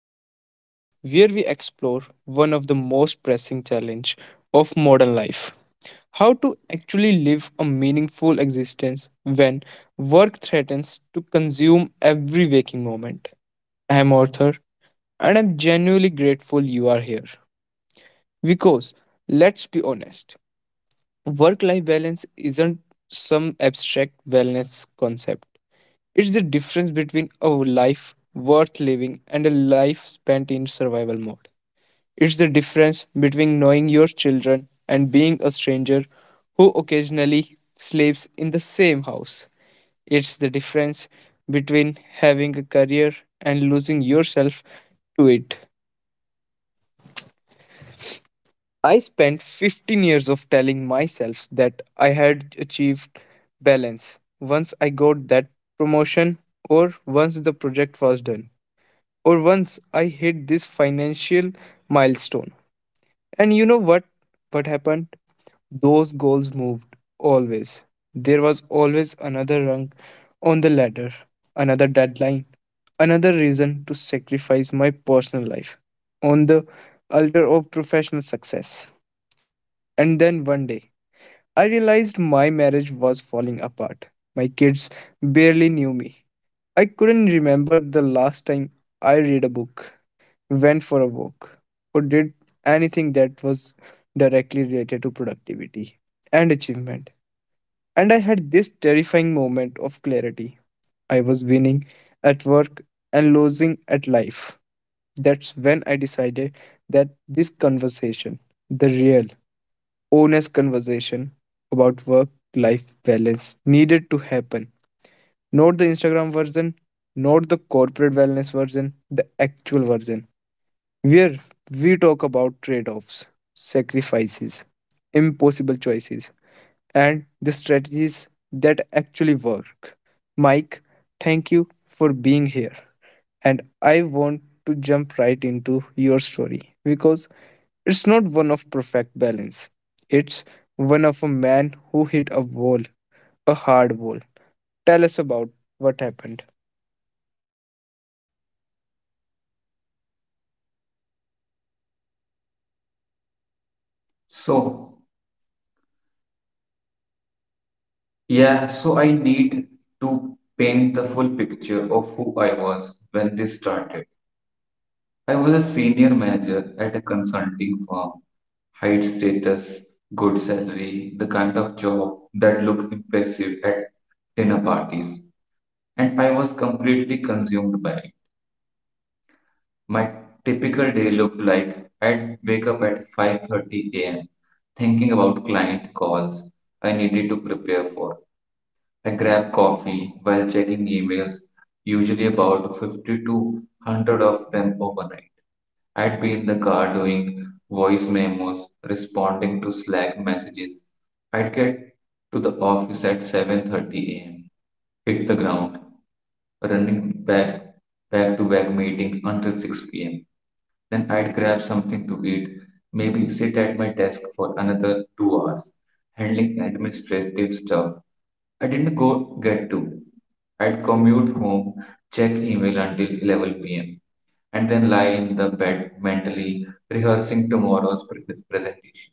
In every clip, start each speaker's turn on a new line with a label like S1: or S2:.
S1: The podcast where we explore one of the most pressing challenge of modern life. How to actually live a meaningful existence when work threatens to consume every waking moment. I am Arthur, and I'm genuinely grateful you are here. Because, let's be honest, work life balance isn't some abstract wellness concept. It's the difference between a life worth living and a life spent in survival mode. It's the difference between knowing your children and being a stranger who occasionally sleeps in the same house. It's the difference between having a career and losing yourself to it. I spent 15 years of telling myself that I had achieved balance once I got that promotion, or once the project was done, or once I hit this financial milestone. And you know what? What happened? Those goals moved always. There was always another rung on the ladder, another deadline, another reason to sacrifice my personal life on the altar of professional success. And then one day, I realized my marriage was falling apart. My kids barely knew me. I couldn't remember the last time I read a book, went for a walk, or did anything that was directly related to productivity and achievement. And I had this terrifying moment of clarity. I was winning at work and losing at life. That's when I decided that this conversation, the real, honest conversation about work life balance, needed to happen. Not the Instagram version, not the corporate wellness version, the actual version where we talk about trade offs, sacrifices, impossible choices, and the strategies that actually work. Mike, thank you for being here. And I want to jump right into your story because it's not one of perfect balance, it's one of a man who hit a wall, a hard wall. Tell us about what happened.
S2: So, yeah, so I need to paint the full picture of who I was when this started. I was a senior manager at a consulting firm. Height, status, good salary, the kind of job that looked impressive at dinner parties. And I was completely consumed by it. My typical day looked like I'd wake up at 5:30 a.m. thinking about client calls I needed to prepare for. I grab coffee while checking emails, usually about 50 to 100 of them overnight. I'd be in the car doing voice memos, responding to Slack messages. I'd get to the office at 7:30 a.m., hit the ground, running back back to back meeting until 6 p.m. Then I'd grab something to eat, maybe sit at my desk for another 2 hours, handling administrative stuff I didn't go get to. I'd commute home, check email until 11 p.m., and then lie in the bed mentally rehearsing tomorrow's presentation.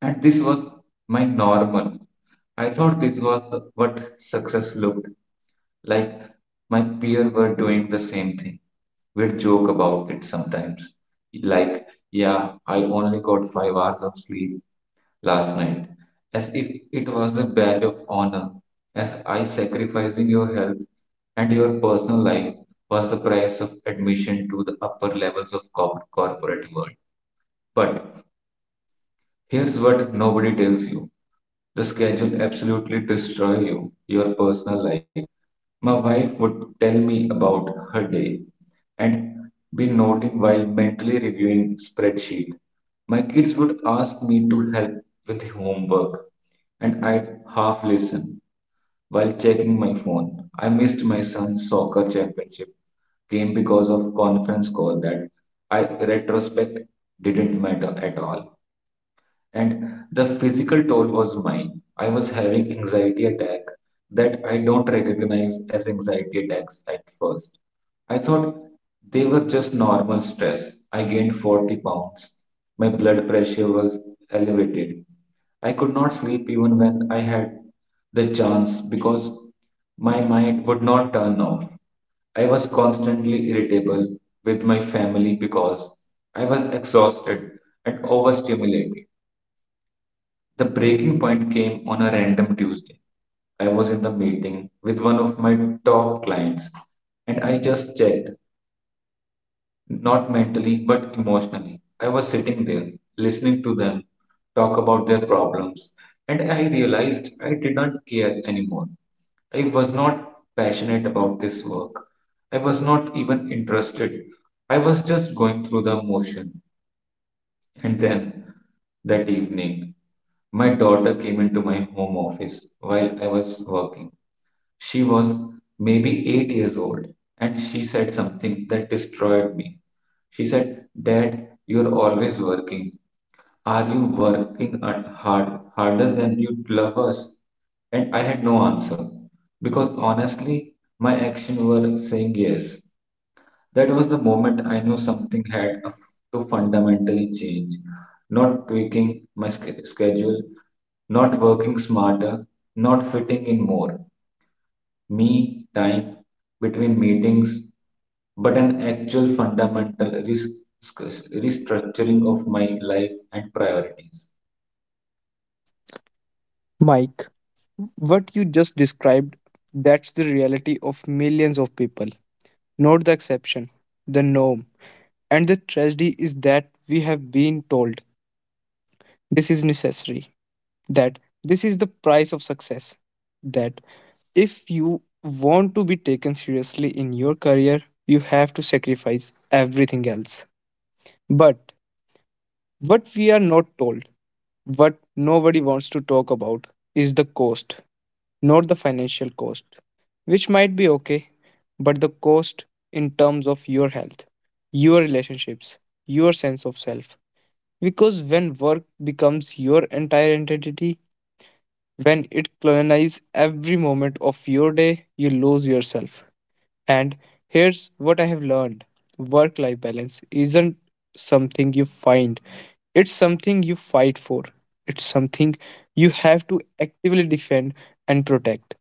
S2: And this was my normal. I thought this was what success looked like. My peers were doing the same thing. We'd joke about it sometimes. Like, yeah, I only got 5 hours of sleep last night, as if it was a badge of honor, as I sacrificing your health and your personal life was the price of admission to the upper levels of corporate world. But here's what nobody tells you. The schedule absolutely destroy you, your personal life. My wife would tell me about her day and be noting while mentally reviewing spreadsheet. My kids would ask me to help with homework, and I'd half listen while checking my phone. I missed my son's soccer championship game because of conference call that I retrospect didn't matter at all, and the physical toll was mine. I was having anxiety attack that I don't recognize as anxiety attacks at first. I thought they were just normal stress. I gained 40 pounds. My blood pressure was elevated. I could not sleep even when I had the chance because my mind would not turn off. I was constantly irritable with my family because I was exhausted and overstimulated. The breaking point came on a random Tuesday. I was in the meeting with one of my top clients, and I just checked, not mentally but emotionally. I was sitting there listening to them talk about their problems and I realized I did not care anymore. I was not passionate about this work. I was not even interested. I was just going through the motion. And then, that evening, my daughter came into my home office while I was working. She was maybe 8 years old, and she said something that destroyed me. She said, "Dad, you're always working. Are you working hard, harder than you love us?" And I had no answer because honestly, my actions were saying yes. That was the moment I knew something had to fundamentally change. Not tweaking my schedule, not working smarter, not fitting in more me time between meetings, but an actual fundamental restructuring of my life and priorities.
S1: Mike, what you just described, that's the reality of millions of people, not the exception, the norm. And the tragedy is that we have been told this is necessary, that this is the price of success, that if you want to be taken seriously in your career, you have to sacrifice everything else. But what we are not told, what nobody wants to talk about, is the cost. Not the financial cost, which might be okay, but the cost in terms of your health, your relationships, your sense of self. Because when work becomes your entire identity, when it colonizes every moment of your day, you lose yourself. And here's what I have learned: work life balance isn't something you find, it's something you fight for, it's something you have to actively defend and protect,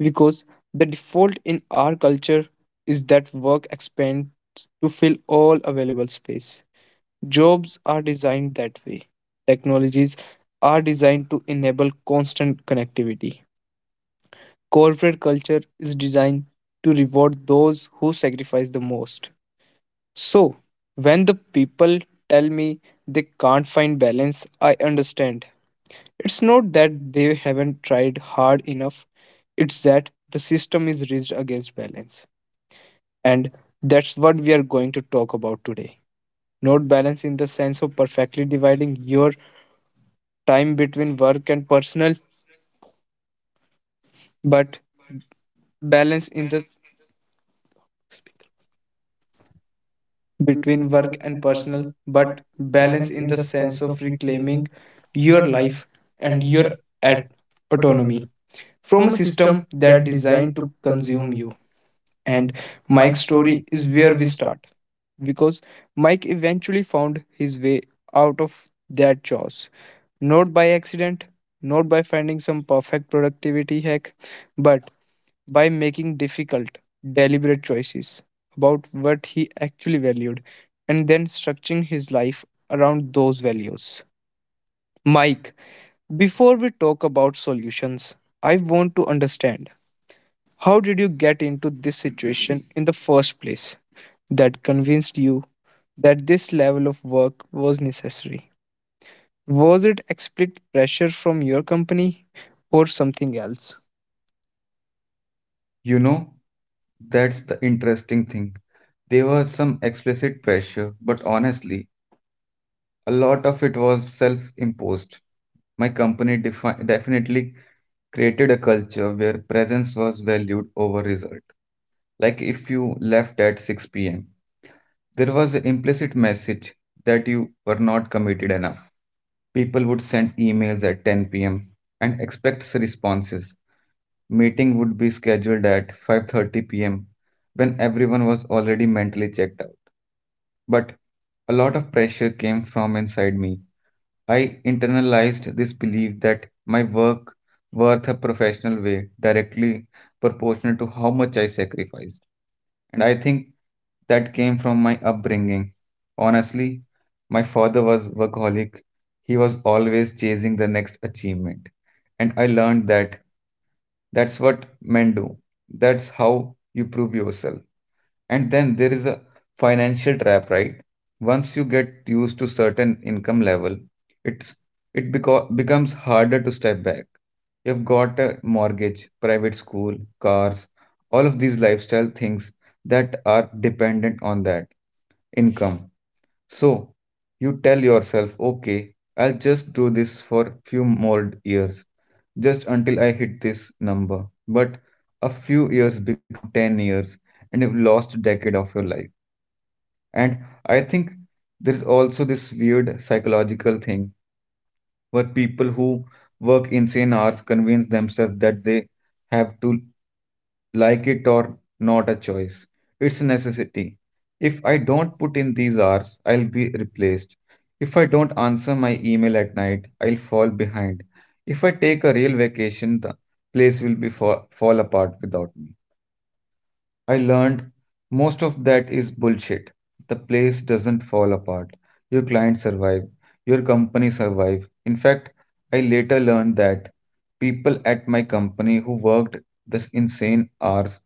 S1: because the default in our culture is that work expands to fill all available space. Jobs are designed that way. Technologies are designed to enable constant connectivity. Corporate culture is designed to reward those who sacrifice the most. So, when the people tell me they can't find balance, I understand. It's not that they haven't tried hard enough, it's that the system is rigged against balance. And that's what we are going to talk about today. Not balance in the sense of perfectly dividing your time between work and personal, but balance in the
S2: Between
S1: between
S2: work
S1: work and
S2: and
S1: personal,
S2: personal, but
S1: but balance
S2: balance
S1: in
S2: in the
S1: the sense
S2: sense of
S1: of
S2: reclaiming
S1: reclaiming
S2: your
S1: your
S2: life
S1: life and
S2: and
S1: your
S2: your at-
S1: at-
S2: autonomy,
S1: autonomy
S2: from
S1: from a
S2: a system
S1: system
S2: that
S1: that
S2: designed
S1: designed
S2: to
S1: to
S2: consume
S1: consume
S2: you.
S1: you.
S2: And
S1: And Mike's
S2: Mike's
S1: story
S2: story is
S1: is where
S2: where
S1: we
S2: we start.
S1: start, because Mike eventually found his way out of that chaos. Not by accident, not by finding some perfect productivity hack, but by making difficult, deliberate choices about what he actually valued and then structuring his life around those values. Mike, before we talk about solutions, I want to understand, how did you get into this situation in the first place that convinced you that this level of work was necessary? Was it explicit pressure from your company or something else?
S2: You know, that's the interesting thing. There was some explicit pressure, but honestly, a lot of it was self imposed. My company definitely created a culture where presence was valued over result. Like if you left at 6 p.m., there was an implicit message that you were not committed enough. People would send emails at 10 p.m. and expect responses. Meeting would be scheduled at 5:30 p.m. when everyone was already mentally checked out. But a lot of pressure came from inside me. I internalized this belief that my work worth a professional way directly proportional to how much I sacrificed. And I think that came from my upbringing. Honestly, my father was workaholic. He was always chasing the next achievement. And I learned that that's what men do. That's how you prove yourself. And then there is a financial trap, right? Once you get used to certain income level, it's it becomes harder to step back. You've got a mortgage, private school, cars, all of these lifestyle things that are dependent on that income. So you tell yourself, okay, I'll just do this for few more years just until I hit this number. But a few years become 10 years, and you've lost a decade of your life. And I think there's also this weird psychological thing where people who work insane hours convince themselves that they have to like it or not a choice. It's a necessity. If I don't put in these hours, I'll be replaced. If I don't answer my email at night, I'll fall behind. If I take a real vacation, the place will be fall apart without me. I learned most of that is bullshit. The place doesn't fall apart. Your clients survive. Your company survive. In fact, I later learned that people at my company who worked this insane hours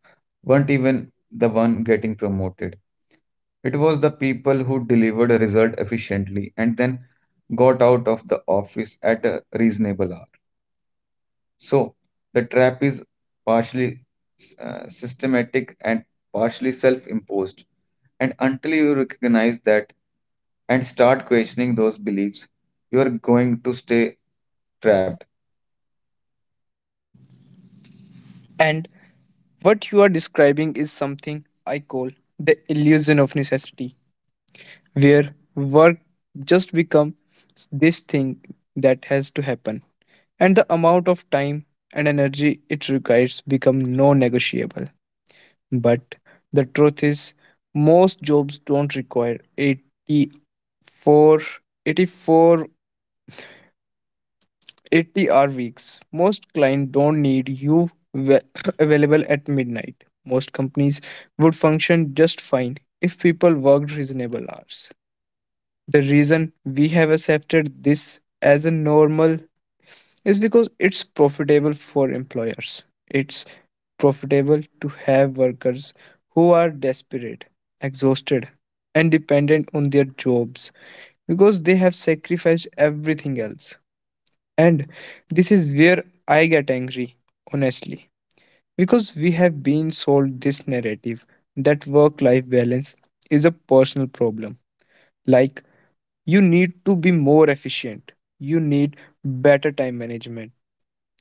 S2: weren't even the one getting promoted. It was the people who delivered a result efficiently and then got out of the office at a reasonable hour. So the trap is partially systematic and partially self imposed. And until you recognize that and start questioning those beliefs, you are going to stay trapped.
S1: And what you are describing is something I call the illusion of necessity, where work just becomes this thing that has to happen, and the amount of time and energy it requires become non-negotiable. But the truth is, most jobs don't require eighty-four, 80-hour weeks. Most clients don't need you available at midnight. Most companies would function just fine if people worked reasonable hours. The reason we have accepted this as a normal is because it's profitable for employers. It's profitable to have workers who are desperate, exhausted, and dependent on their jobs because they have sacrificed everything else. And this is where I get angry, honestly, because we have been sold this narrative that work life balance is a personal problem. Like, you need to be more efficient, you need better time management,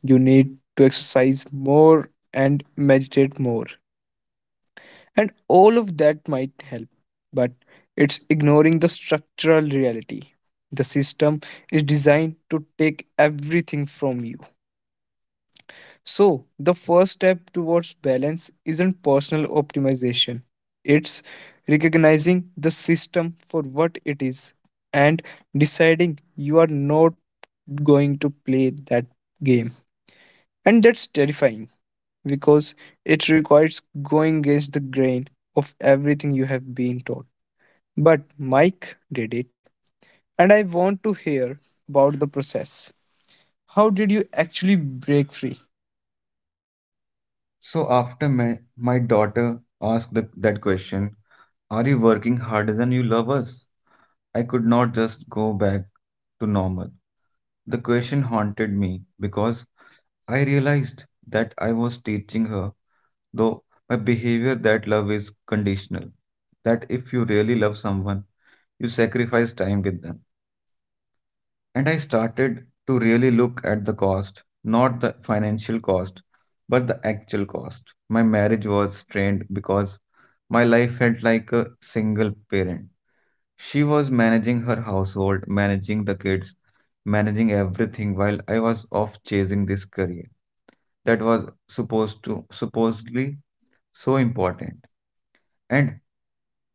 S1: you need to exercise more and meditate more. And all of that might help, but it's ignoring the structural reality. The system is designed to take everything from you. So, the first step towards balance isn't personal optimization, it's recognizing the system for what it is and deciding you are not going to play that game. And that's terrifying because it requires going against the grain of everything you have been taught. But Mike did it, and I want to hear about the process. How did you actually break free?
S2: So after my daughter asked that question, are you working harder than you love us? I could not just go back to normal. The question haunted me because I realized that I was teaching her though my behavior that love is conditional, that if you really love someone you sacrifice time with them. And I started to really look at the cost, not the financial cost, but the actual cost. My marriage was strained because my life felt like a single parent. She was managing her household, managing the kids, managing everything while I was off chasing this career that was supposedly so important. And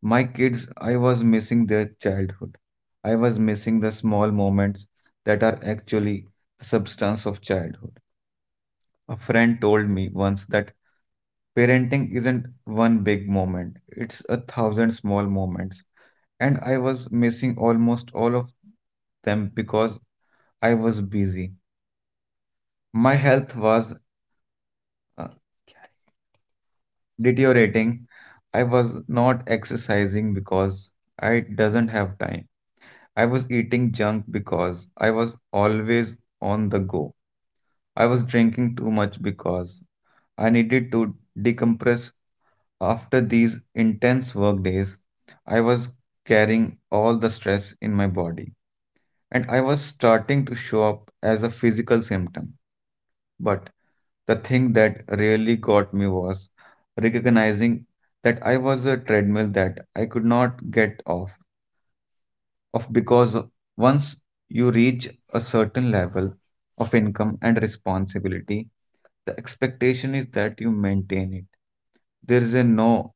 S2: my kids, I was missing their childhood. I was missing the small moments that are actually the substance of childhood. A friend told me once that parenting isn't one big moment, it's a thousand small moments. And I was missing almost all of them because I was busy. My health was uh, deteriorating. I was not exercising because I doesn't have time. I was eating junk because I was always on the go. I was drinking too much because I needed to decompress after these intense work days. I was carrying all the stress in my body, and I was starting to show up as a physical symptom. But the thing that really got me was recognizing that I was a treadmill that I could not get off. Of Because once you reach a certain level of income and responsibility, the expectation is that you maintain it. There is a no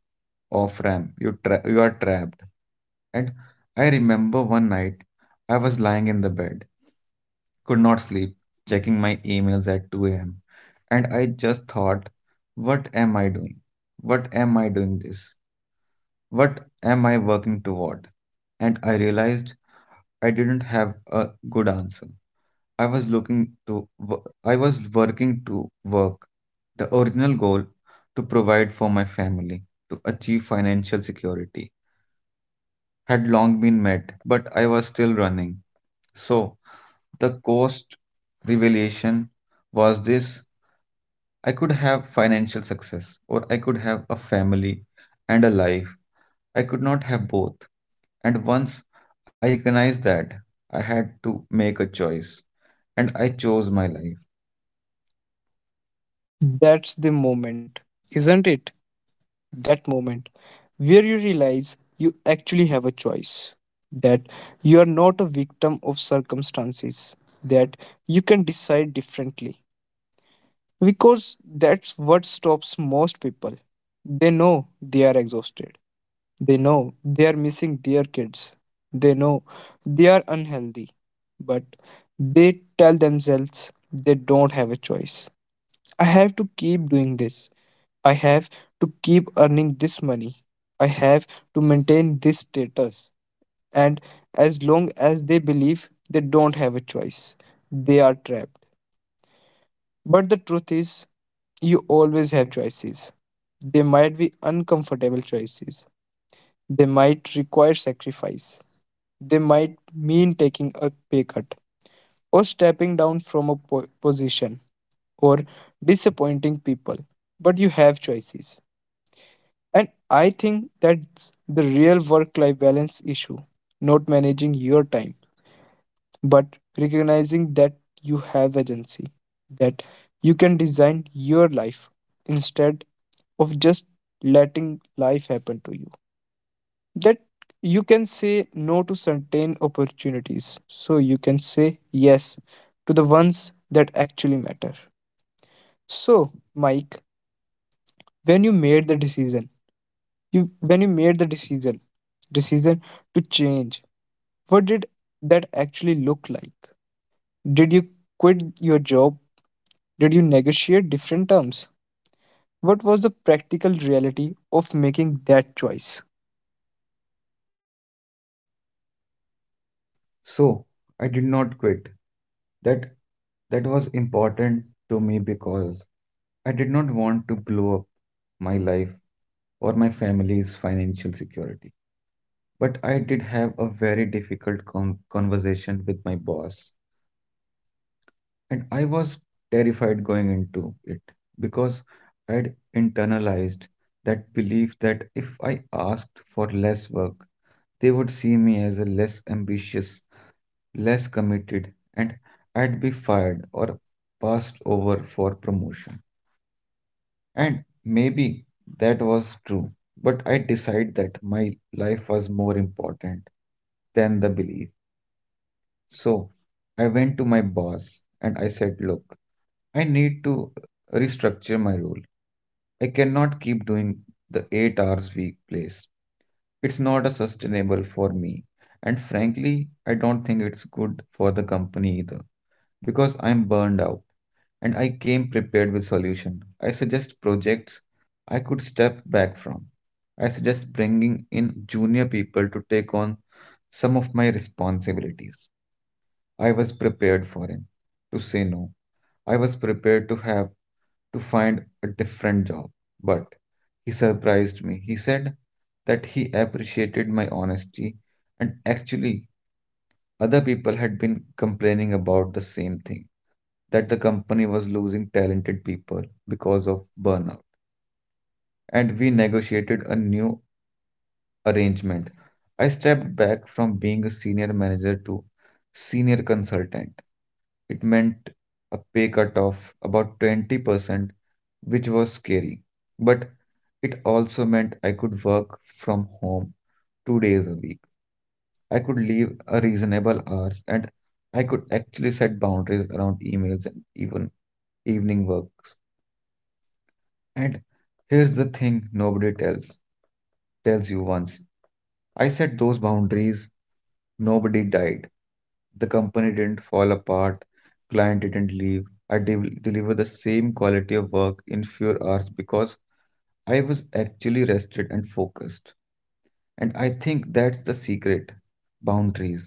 S2: off ramp. You are trapped. And I remember one night I was lying in the bed, could not sleep, checking my emails at 2 a.m. And I just thought, what am I doing? What am I doing this? What am I working toward? And I realized I didn't have a good answer. I was looking to wo- I was working to work. The original goal to provide for my family, to achieve financial security, had long been met, but I was still running. So the cost revelation was this: I could have financial success or I could have a family and a life. I could not have both. And once I recognized that, I had to make a choice. And I chose my life.
S1: That's the moment, isn't it? That moment where you realize you actually have a choice, that you are not a victim of circumstances, that you can decide differently. Because that's what stops most people. They know they are exhausted. They know they are missing their kids. They know they are unhealthy. But they tell themselves they don't have a choice. I have to keep doing this. I have to keep earning this money. I have to maintain this status. And as long as they believe they don't have a choice, they are trapped. But the truth is, you always have choices. They might be uncomfortable choices. They might require sacrifice. They might mean taking a pay cut or stepping down from a position or disappointing people. But you have choices. And I think that's the real work life balance issue, not managing your time but recognizing that you have agency, that you can design your life instead of just letting life happen to you. That you can say no to certain opportunities, so you can say yes to the ones that actually matter. So, Mike, when you made the decision, when you made the decision, decision to change, what did that actually look like? Did you quit your job? Did you negotiate different terms? What was the practical reality of making that choice?
S2: So I did not quit. That that was important to me because I did not want to blow up my life or my family's financial security. But I did have a very difficult conversation with my boss, and I was terrified going into it because I had internalized that belief that if I asked for less work, they would see me as a less ambitious, less committed, and I'd be fired or passed over for promotion. And maybe that was true, but I decided that my life was more important than the belief. So I went to my boss and I said, "Look, I need to restructure my role. I cannot keep doing the 8 hours week place. It's not a sustainable for me. And frankly, I don't think it's good for the company either, because I'm burned out." And I came prepared with solution. I suggest projects I could step back from. I suggest bringing in junior people to take on some of my responsibilities. I was prepared for him to say no. I was prepared to have to find a different job, but he surprised me. He said that he appreciated my honesty and actually other people had been complaining about the same thing that the company was losing talented people because of burnout, and we negotiated a new arrangement. I stepped back from being a senior manager to senior consultant. It meant a pay cut of about 20%, which was scary, but it also meant I could work from home 2 days a week. I could leave a reasonable hours, and I could actually set boundaries around emails and even evening work. And here's the thing nobody tells you once. I set those boundaries, nobody died. The company didn't fall apart, client didn't leave. I deliver the same quality of work in fewer hours because I was actually rested and focused. And I think that's the secret: boundaries,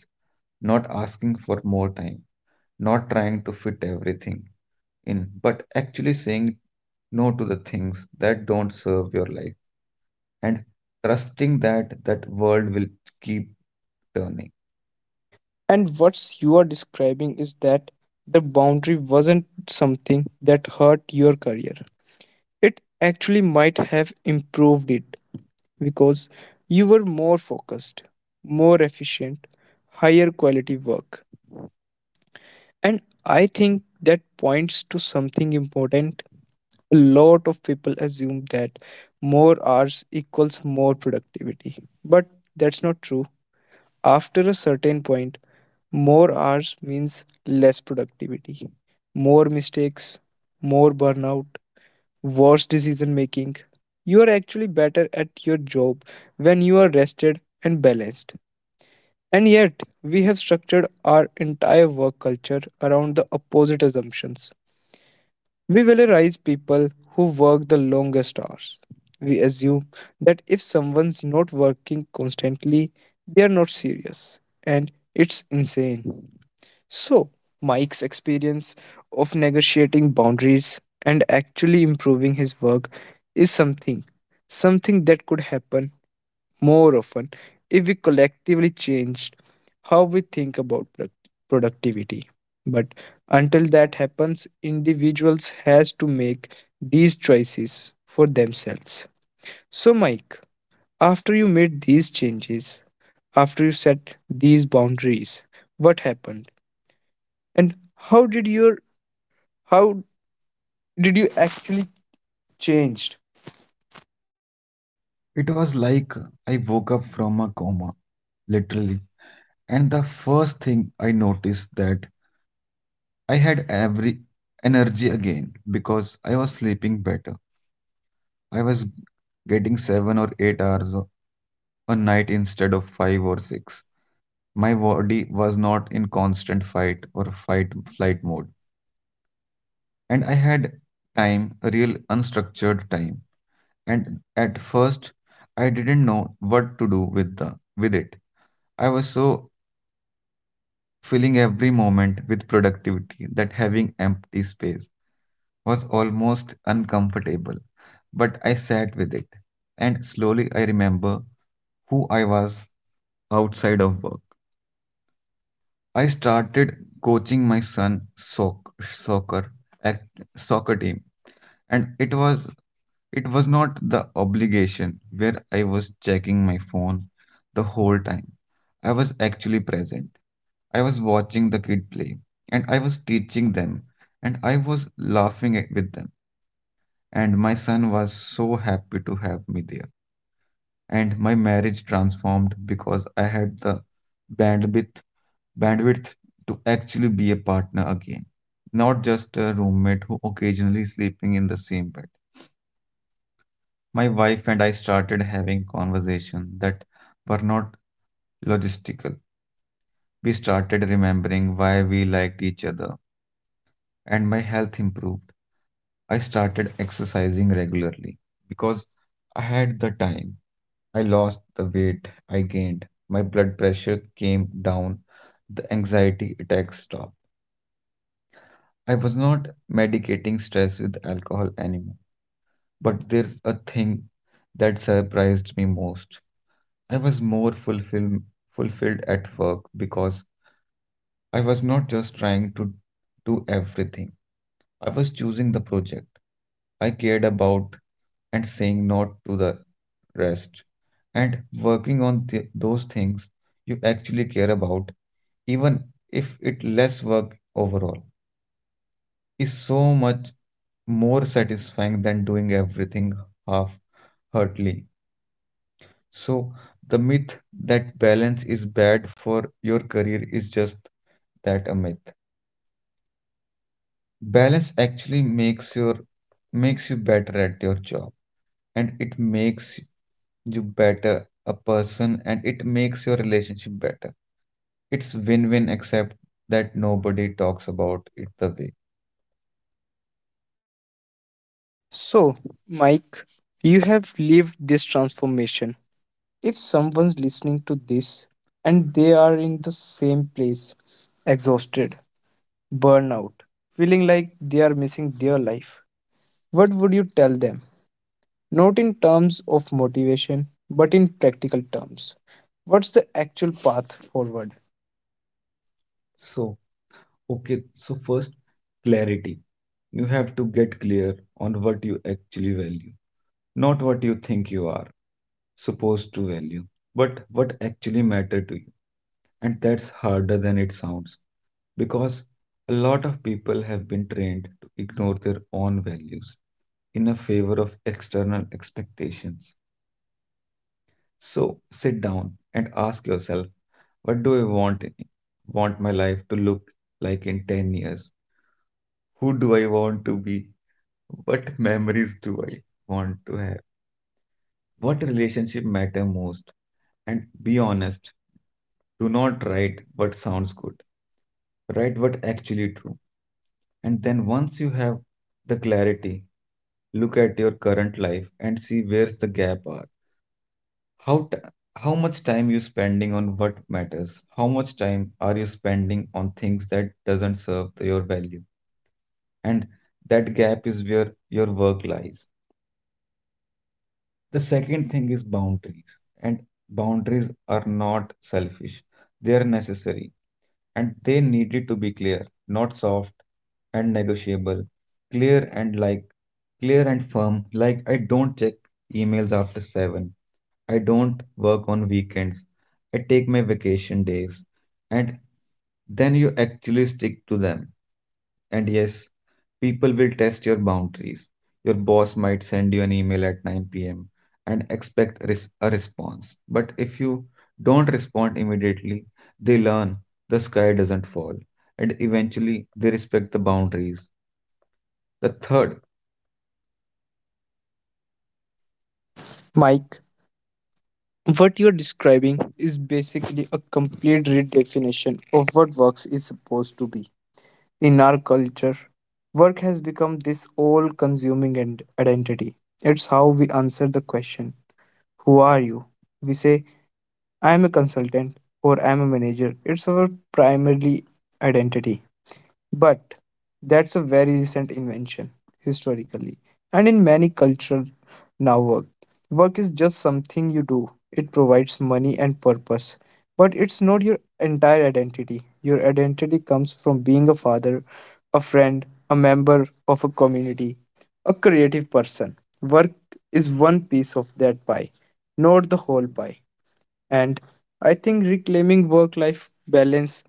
S2: not asking for more time, not trying to fit everything in, but actually saying no to the things that don't serve your life and trusting that that world will keep turning.
S1: And what you are describing is that the boundary wasn't something that hurt your career. It actually might have improved it because you were more focused, more efficient, higher quality work. And I think that points to something important: a lot of people assume that more hours equals more productivity, but that's not true. After a certain point, more hours means less productivity, more mistakes, more burnout, worse decision making. You are actually better at your job when you are rested and balanced. And yet, we have structured our entire work culture around the opposite assumptions. We valorize people who work the longest hours. We assume that if someone's not working constantly, they are not serious, and it's insane. So, Mike's experience of negotiating boundaries and actually improving his work is something that could happen more often if we collectively changed how we think about productivity. But until that happens, individuals has to make these choices for themselves. So Mike, after you made these changes, after you set these boundaries, what happened? And how did you actually changed?
S2: It was like I woke up from a coma, literally, and the first thing I noticed that I had every energy again because I was sleeping better. I was getting 7 or 8 hours a night instead of five or six. My body was not in constant fight or fight flight mode, and I had time, real unstructured time. And at first, I didn't know what to do with the with it. I was so filling every moment with productivity that having empty space was almost uncomfortable. But I sat with it, and slowly I remember who I was outside of work. I started coaching my son act, soccer team, and it was not the obligation where I was checking my phone the whole time. I was actually present. I was watching the kid play, and I was teaching them, and I was laughing with them, and my son was so happy to have me there. And my marriage transformed because I had the bandwidth bandwidth to actually be a partner again, not just a roommate who occasionally sleeping in the same bed. My wife and I started having conversations that were not logistical. We started remembering why we liked each other, and my health improved. I started exercising regularly because I had the time. I lost the weight I gained. My blood pressure came down. The anxiety attacks stopped. I was not medicating stress with alcohol anymore. But there's a thing that surprised me most. I was more fulfilled at work because I was not just trying to do everything. I was choosing the project I cared about and saying no to the rest, and working on those things you actually care about, even if it less work overall, is so much more satisfying than doing everything half heartedly. So the myth that balance is bad for your career is just that, a myth. Balance actually makes you better at your job, and it makes you better a person, and it makes your relationship better. It's win-win, except that nobody talks about it the way.
S1: So, Mike, you have lived this transformation. If someone's listening to this and they are in the same place, exhausted, burnout, feeling like they are missing their life, what would you tell them? Not in terms of motivation, but in practical terms. What's the actual path forward?
S2: So, okay, so first, clarity. You have to get clear on what you actually value, not what you think you are supposed to value, but what actually matter to you. And that's harder than it sounds because a lot of people have been trained to ignore their own values in a favor of external expectations. So sit down and ask yourself, what do I want want my life to look like in 10 years? Who do I want to be? What memories do I want to have? What relationship matter most? And be honest, do not write what sounds good. Write what actually true. And then once you have the clarity, look at your current life and see where's the gap are. How t- how much time you spending on what matters? How much time are you spending on things that doesn't serve your value? And that gap is where your work lies. The second thing is boundaries, and boundaries are not selfish, they are necessary, and they needed to be clear, not soft and negotiable, clear and like clear and firm. Like I don't check emails after 7. I don't work on weekends. I take my vacation days, and then you actually stick to them. And yes, people will test your boundaries. Your boss might send you an email at 9 p.m and expect a response. But if you don't respond immediately, they learn the sky doesn't fall, and eventually they respect the boundaries. The third
S1: Mike, what you're describing is basically a complete redefinition of what works is supposed to be. In our culture, work has become this all consuming and identity. It's how we answer the question, who are you? We say, I am a consultant or I am a manager. It's our primarily identity. But that's a very recent invention historically, and in many cultures now work. Work is just something you do. It provides money and purpose, but it's not your entire identity. Your identity comes from being a father, a friend, a member of a community, a creative person. Work is one piece of that pie, not the whole pie. And I think reclaiming work life balance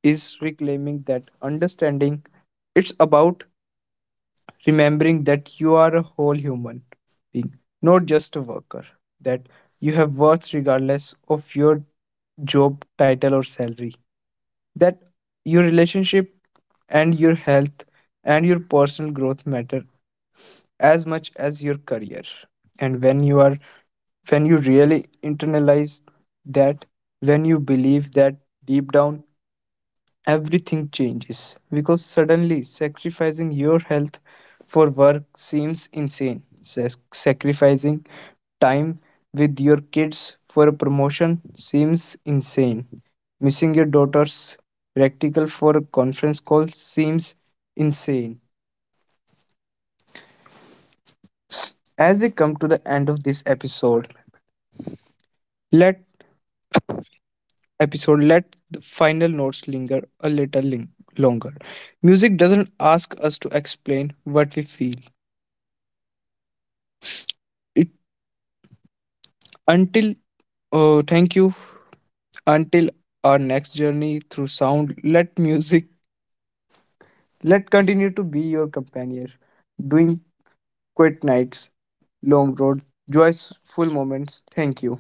S1: is reclaiming that understanding. It's about remembering that you are a whole human being, not just a worker, that you have worth regardless of your job title or salary, that your relationship and your health and your personal growth matter as much as your career. And when you really internalize that, when you believe that deep down, everything changes because suddenly sacrificing your health for work seems insane. Sacrificing time with your kids for a promotion seems insane. Missing your daughter's practical for a conference call seems insane. As we come to the end of this let episode let the final notes linger a little longer. Music doesn't ask us to explain what we feel. Until, oh, thank you. Until our next journey through sound, let music, let continue to be your companion. Doing quiet nights, long road, joyful moments. Thank you.